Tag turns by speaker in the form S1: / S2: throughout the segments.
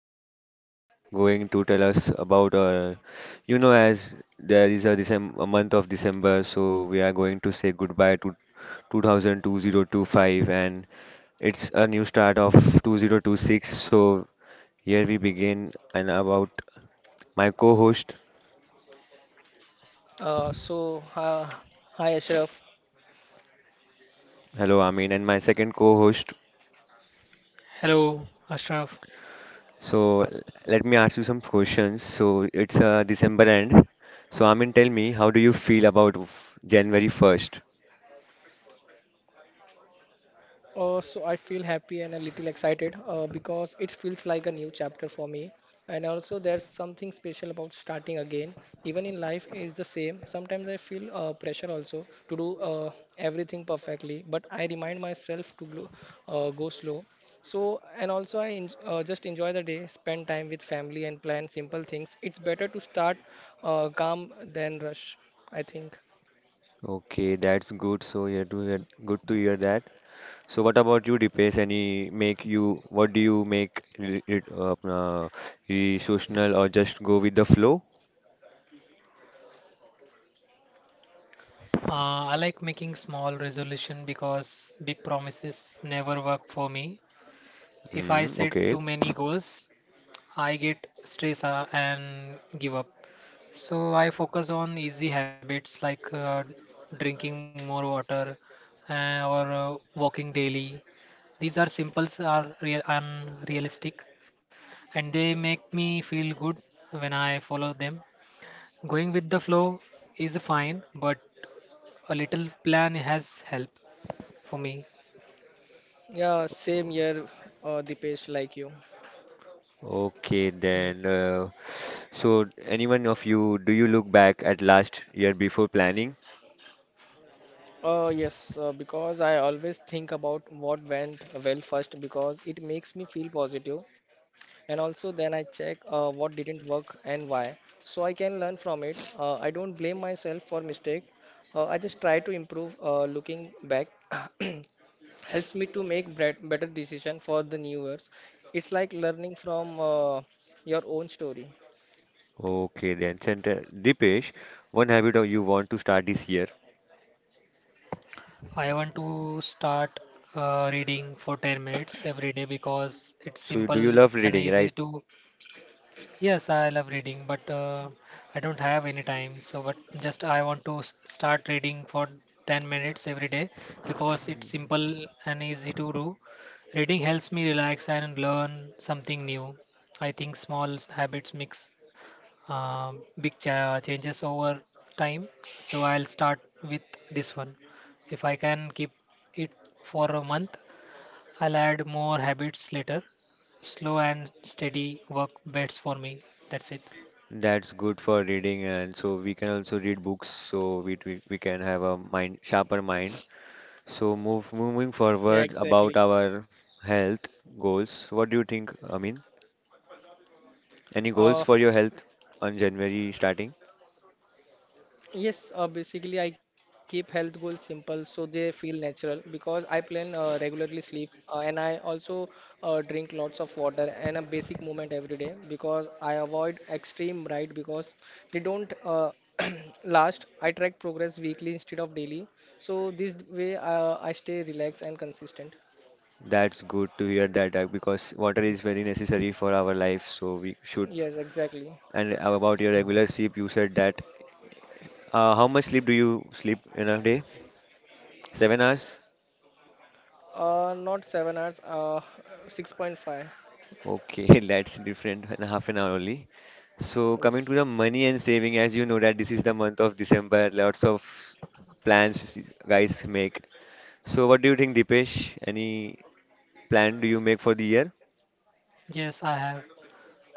S1: we are going to tell us about, as there is a, a month of December, so we are going to say goodbye to 2025, and it's a new start of 2026. So, here we begin and about my co-host,
S2: Uh, so, uh, hi Ashraf.
S1: hello Amin, and my second co-host.
S3: Hello, Ashraf.
S1: So let me ask you some questions. So it's December end. So Amin, tell me, how do you feel about January 1st?
S2: So I feel happy and a little excited because it feels like a new chapter for me. And also, there's something special about starting again. Even in life is the same. Sometimes I feel pressure also to do everything perfectly, but I remind myself to go slow. So, and also I just enjoy the day, spend time with family, and plan simple things. It's better to start calm than rush, I think.
S1: Okay, that's good. So yeah, to hear, good to hear that. So what about you, Dipesh? Any make you? What do you make? Re-social or just go with the flow?
S3: I like making small resolution because big promises never work for me. If I
S1: Mm,
S3: set
S1: okay,
S3: too many goals, I get stressed and give up. So I focus on easy habits like drinking more water or walking daily. These are simples are real and realistic, and they make me feel good when I follow them. Going with the flow is fine, but a little plan has helped for me.
S2: Yeah, same year, Dipesh, like you.
S1: okay
S3: Mm.
S1: then. So anyone of you, do you look back at last year before planning?
S2: Yes, because I always think about what went well first because it makes me feel positive, and also then I check what didn't work and why, so I can learn from it. I don't blame myself for mistake. I just try to improve. Looking back, helps me to make better decision for the new years. It's like learning from your own story.
S1: Okay, then. Center Dipesh, one habit of you want to start this year.
S3: I want to start reading for 10 minutes every day because it's
S1: So, do you
S3: simple
S1: love
S3: and
S1: reading,
S3: easy
S1: right?
S3: to. Yes, I love reading, but I don't have any time. So, but just I want to start reading for 10 minutes every day because it's simple and easy to do. Reading helps me relax and learn something new. I think small habits mix big changes over time. So I'll start with this one. If I can keep it for a month, I'll add more habits later. Slow and steady work best for me. That's it.
S1: That's good for reading, and so we can also read books, so we can have a mind sharper mind. So, move moving
S2: Yeah,
S1: forward about
S2: exactly.
S1: our health goals. What do you think? I mean, any goals
S2: Uh,
S1: for your health on January starting?
S2: Yes, basically I keep health goals simple so they feel natural because I plan regularly sleep and I also drink lots of water and a basic movement every day because I avoid extreme right because they don't last. I track progress weekly instead of daily, so this way I stay relaxed and consistent.
S1: That's good to hear that because water is very necessary for our life, so we should.
S2: Yes, exactly.
S1: And about your
S3: Mm.
S1: regular sleep, you said that. How much sleep do you sleep in a day? 7 hours?
S2: Not 7 hours, 6.5.
S1: Okay, that's different, and half an hour only. So coming to the
S2: Yes.
S1: money and saving, as you know that this is the month of December, lots of plans guys make. So what do you think, Dipesh? Any plan do you make for the year?
S3: Yes, I have.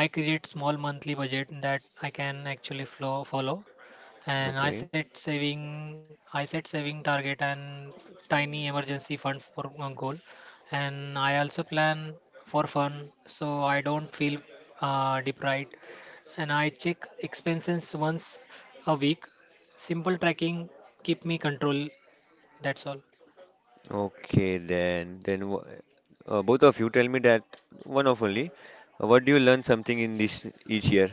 S3: I create small monthly budget that I can actually follow, and
S1: Okay.
S3: I set saving target and tiny emergency fund for goal, and I also plan for fun so I don't feel deprived, and I check expenses once a week. Simple tracking keep me control. That's all.
S1: Okay, then both of you tell me that one of only. What do you learn something in this each year?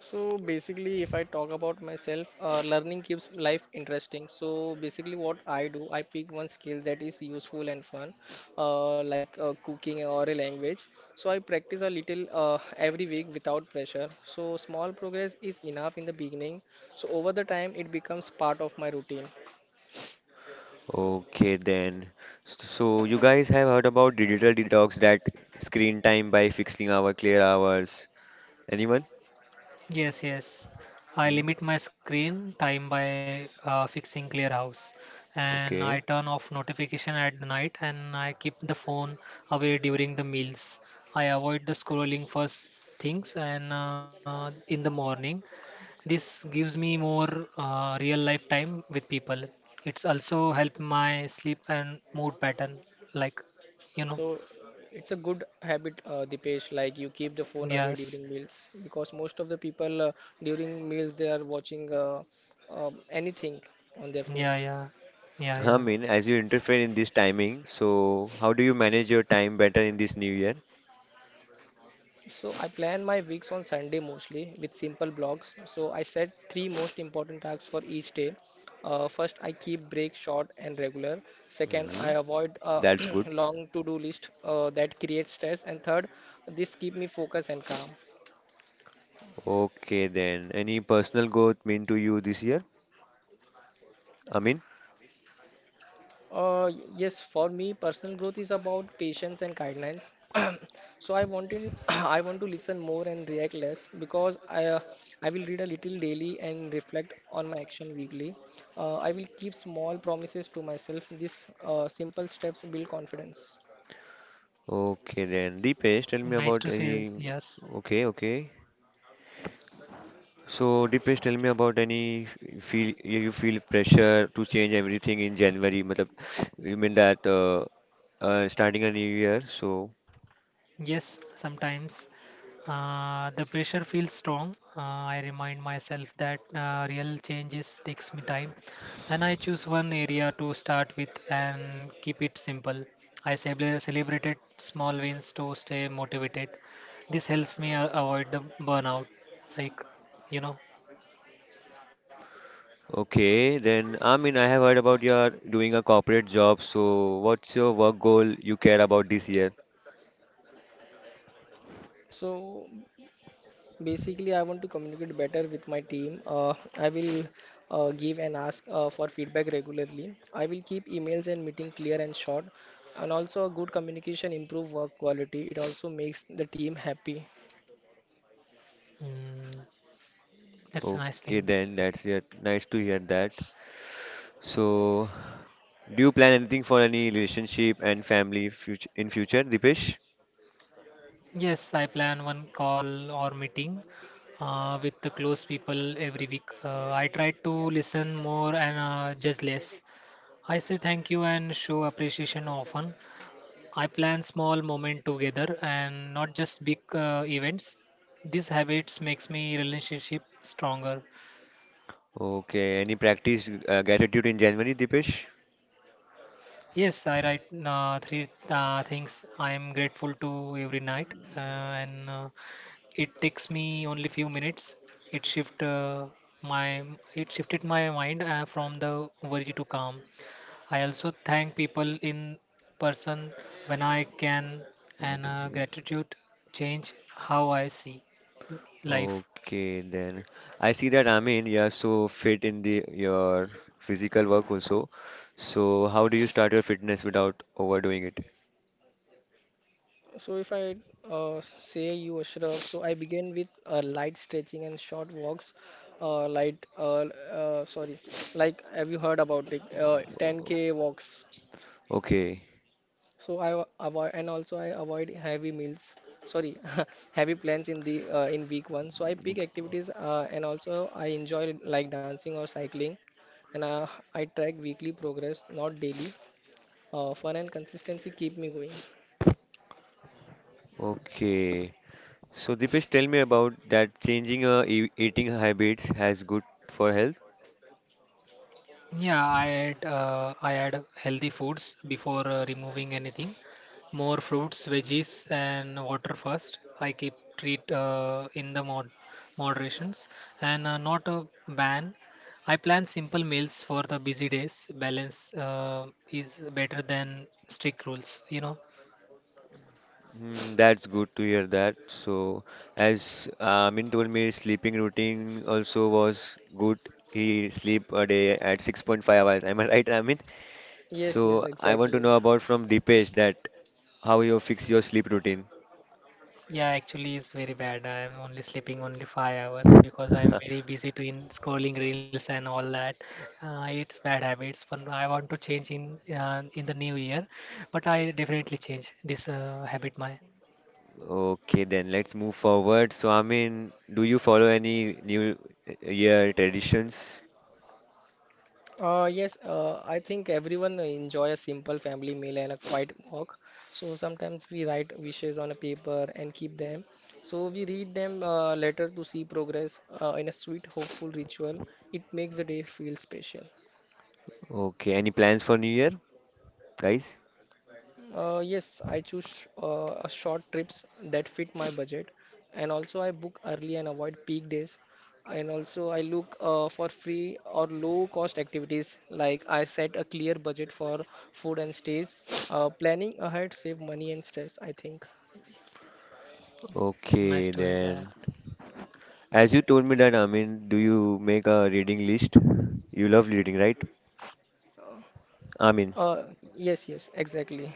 S2: So basically, if I talk about myself, learning keeps life interesting. So basically, what I do, I pick one skill that is useful and fun, like cooking or a language. So I practice a little every week without pressure. So small progress is enough in the beginning. So over the time, it becomes part of my routine.
S1: Okay then. So you guys have heard about digital detox that screen time by fixing our clear hours. Anyone?
S3: Yes, yes. I
S1: Hmm?
S3: limit my screen time by fixing clear house, and I
S1: Okay.
S3: turn off notification at the night, and I keep the phone away during the meals. I avoid the scrolling first things and in the morning. This gives me more real life time with people. It's also help my sleep and mood pattern, like you know.
S2: So it's a good habit, Dipesh, like you keep the phone away
S3: Yes.
S2: during meals because most of the people during meals they are watching anything on their
S3: Yeah,
S2: phones.
S3: yeah. Yeah,
S1: I
S3: yeah.
S1: mean, as you interfere in this timing, so how do you manage your time better in this new year?
S2: So I plan my weeks on Sunday mostly with simple blogs. So I set three most important tasks for each day. First, I keep breaks short and regular. Second, I
S1: Hmm.
S2: avoid a
S1: That's good.
S2: long to-do list that creates stress. And third, this keep me focused and calm.
S1: Okay then. Any personal growth mean to you this year? I mean,
S2: Uh, yes, for me, personal growth is about patience and guidelines. I want to listen more and react less because I will read a little daily and reflect on my action weekly. I will keep small promises to myself. These simple steps build confidence.
S1: okay then. Deepesh, tell me
S3: Nice
S1: about
S3: to see.
S1: any.
S3: Yes.
S1: Okay, okay. So, Dipesh, tell me about any feel you feel pressure to change everything in January. Matlab, you mean that starting a new year? So,
S3: Yes, sometimes the pressure feels strong. I remind myself that real changes takes me time, and I choose one area to start with and keep it simple. I celebrated small wins to stay motivated. This helps me avoid the burnout. Like, you know,
S1: okay, then I mean I have heard about you are doing a corporate job. So, what's your work goal you care about this year?
S2: So basically, I want to communicate better with my team. I will give and ask for feedback regularly. I will keep emails and meeting clear and short. And also, a good communication improve work quality. It also makes the team happy.
S3: mm, that's a nice
S1: Okay,
S3: thing.
S1: then that's it. Nice to hear that. So, do you plan anything for any relationship and family future in future, Dipesh?
S3: Yes, I plan one call or meeting with the close people every week. I try to listen more and judge less. I say thank you and show appreciation often. I plan small moment together and not just big events. These habits makes me relationship stronger.
S1: Okay, any practice gratitude in January, Dipesh?
S3: Yes, I write three things I am grateful to every night and it takes me only few minutes. It shift uh, my it shifted my mind from the worry to calm. I also thank people in person when I can,
S1: I
S3: and
S1: can see that.
S3: gratitude change how I see life.
S1: Okay, then I see that I mean you are so fit in the your physical work also. So how do you start your fitness without overdoing it?
S2: So, if I say you, Ashraf, so I begin with light stretching and short walks. Uh, light, uh, uh, sorry, like have you heard about it? 10K
S1: O-
S2: walks.
S1: Okay,
S2: So I wa- avoid and also I avoid heavy meals. Sorry, heavy plans in the in week one. So I pick
S1: ok-
S2: activities and also I enjoy like dancing or cycling, and I track weekly progress, not daily. Fun and consistency keep me going.
S1: okay. So Dipesh, tell me about that changing eating habits has good for health.
S3: Yeah, I add healthy foods before removing anything. More fruits, veggies, and water first. I keep treat in the moderations and not a ban. I plan simple meals for the busy days. Balance is better than strict rules, you know.
S1: Mm, that's good to hear that. So as Amin told me, sleeping routine also was good. He sleep a day at 6.5 hours. Am I right, Amin?
S2: Yes, yes,
S1: So I want to
S2: exactly.
S1: know about from Dipesh that how you fix your sleep routine.
S3: Yeah, actually, it's very bad. I am only sleeping only 5 hours because I am very busy doing scrolling reels and all that. It's bad habits, but I want to change in the new year. But I definitely change this habit. My
S1: Okay, then let's move forward. So I mean, do you follow any New Year traditions?
S2: Yes, I think everyone enjoy a simple family meal and a quiet walk. So sometimes we write wishes on a paper and keep them. So we read them later to see progress in a sweet, hopeful ritual. It makes the day feel special.
S1: Okay, any plans for New Year, guys?
S2: Yes, I choose a short trips that fit my budget, and also I book early and avoid peak days. And also I look for free or low cost activities. Like I set a clear budget for food and stays. Planning ahead save money and stress, I think.
S3: nice
S1: Okay,
S3: to hear
S1: then
S3: that.
S1: as you told me that I mean, do you make a reading list? You love reading, right? I mean,
S2: Uh, yes, yes, exactly.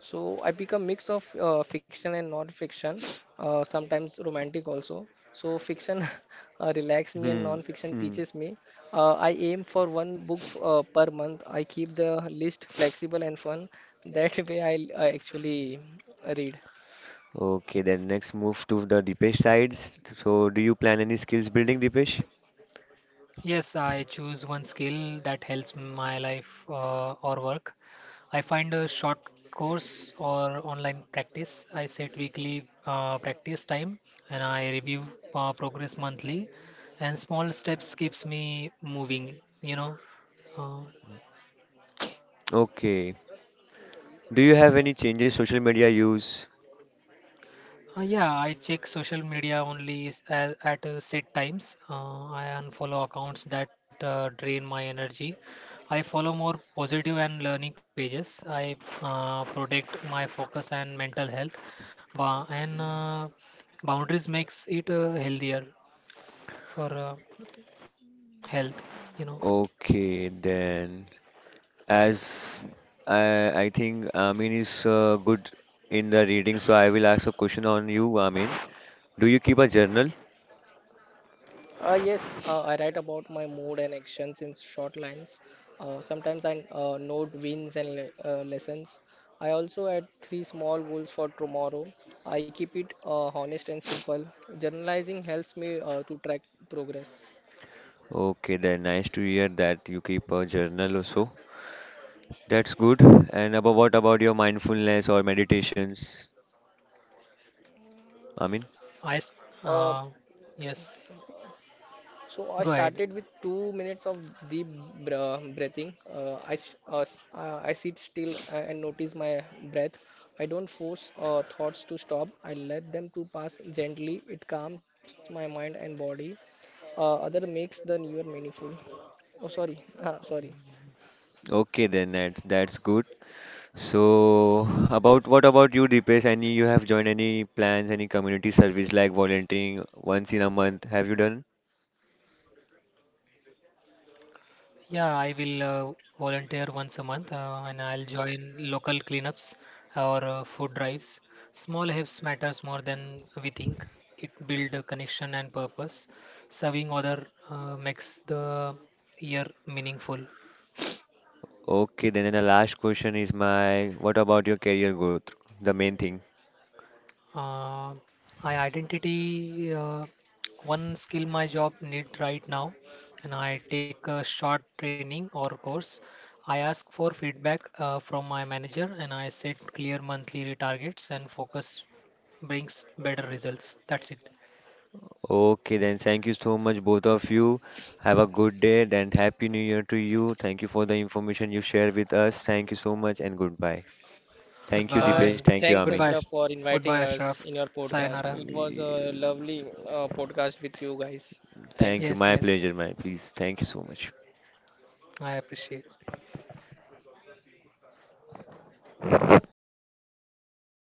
S2: So I pick a mix of fiction and non-fiction, sometimes romantic also. So fiction relax me and
S1: hmm,
S2: non-fiction
S1: hmm.
S2: teaches me. I aim for one book per month. I keep the list flexible and fun. That way I actually read.
S1: Okay, then next move to the Dipesh sides. So do you plan any skills building, Dipesh?
S3: Yes, I choose one skill that helps my life or work. I find a short course or online practice. I set weekly practice time, and I review progress monthly. And small steps keeps me moving, you know. Uh,
S1: Okay. Do you have any changes social media use?
S3: Yeah, I check social media only at set times. I unfollow accounts that drain my energy. I follow more positive and learning pages. I protect my focus and mental health. And boundaries makes it healthier for health. You know,
S1: Okay, then as I I think Amin is good in the reading, so I will ask a question on you, Amin. Do you keep a journal?
S2: Yes, I write about my mood and actions in short lines. Sometimes I note wins and lessons. I also add three small goals for tomorrow. I keep it honest and simple. Journalizing helps me to track progress.
S1: Okay, then nice to hear that you keep a journal also. That's good. And about what about your mindfulness or meditations, Amin?
S3: I s-
S2: Uh,
S3: uh, yes.
S2: So I
S3: Go ahead.
S2: started with 2 minutes of deep breathing. I sit still and notice my breath. I don't force thoughts to stop. I let them to pass gently. It calms my mind and body. Other makes the newer meaningful. Oh, sorry. Ah, sorry.
S1: Okay, then that's good. So, about what about you, Deepesh? Any you have joined any plans, any community service like volunteering once in a month? Have you done?
S3: Yeah, I will volunteer once a month and I'll join local cleanups or food drives. Small helps matters more than we think. It build a connection and purpose. Serving other makes the year meaningful.
S1: Okay, then the last question is my what about your career growth? The main thing.
S3: Uh, I identity one skill my job need right now, and I take a short training or course. I ask for feedback from my manager, and I set clear monthly targets. And focus brings better results. That's it.
S1: Okay, then thank you so much, both of you. Have a good day and happy new year to you. Thank you for the information you share with us. Thank you so much and goodbye. Thank you,
S2: Uh,
S1: Deepesh.
S3: Goodbye.
S1: Thank you,
S2: Thanks,
S1: Amin.
S3: Goodbye.
S2: Ashraf, for
S3: Goodbye,
S2: inviting us
S3: Ashraf.
S2: in your
S1: Thank
S2: podcast.
S3: Sayonara.
S2: It was a lovely podcast with you guys.
S1: thank you.
S2: Thanks.
S3: Yes,
S1: My
S3: yes.
S1: pleasure, my please. Thank you so much.
S3: I appreciate.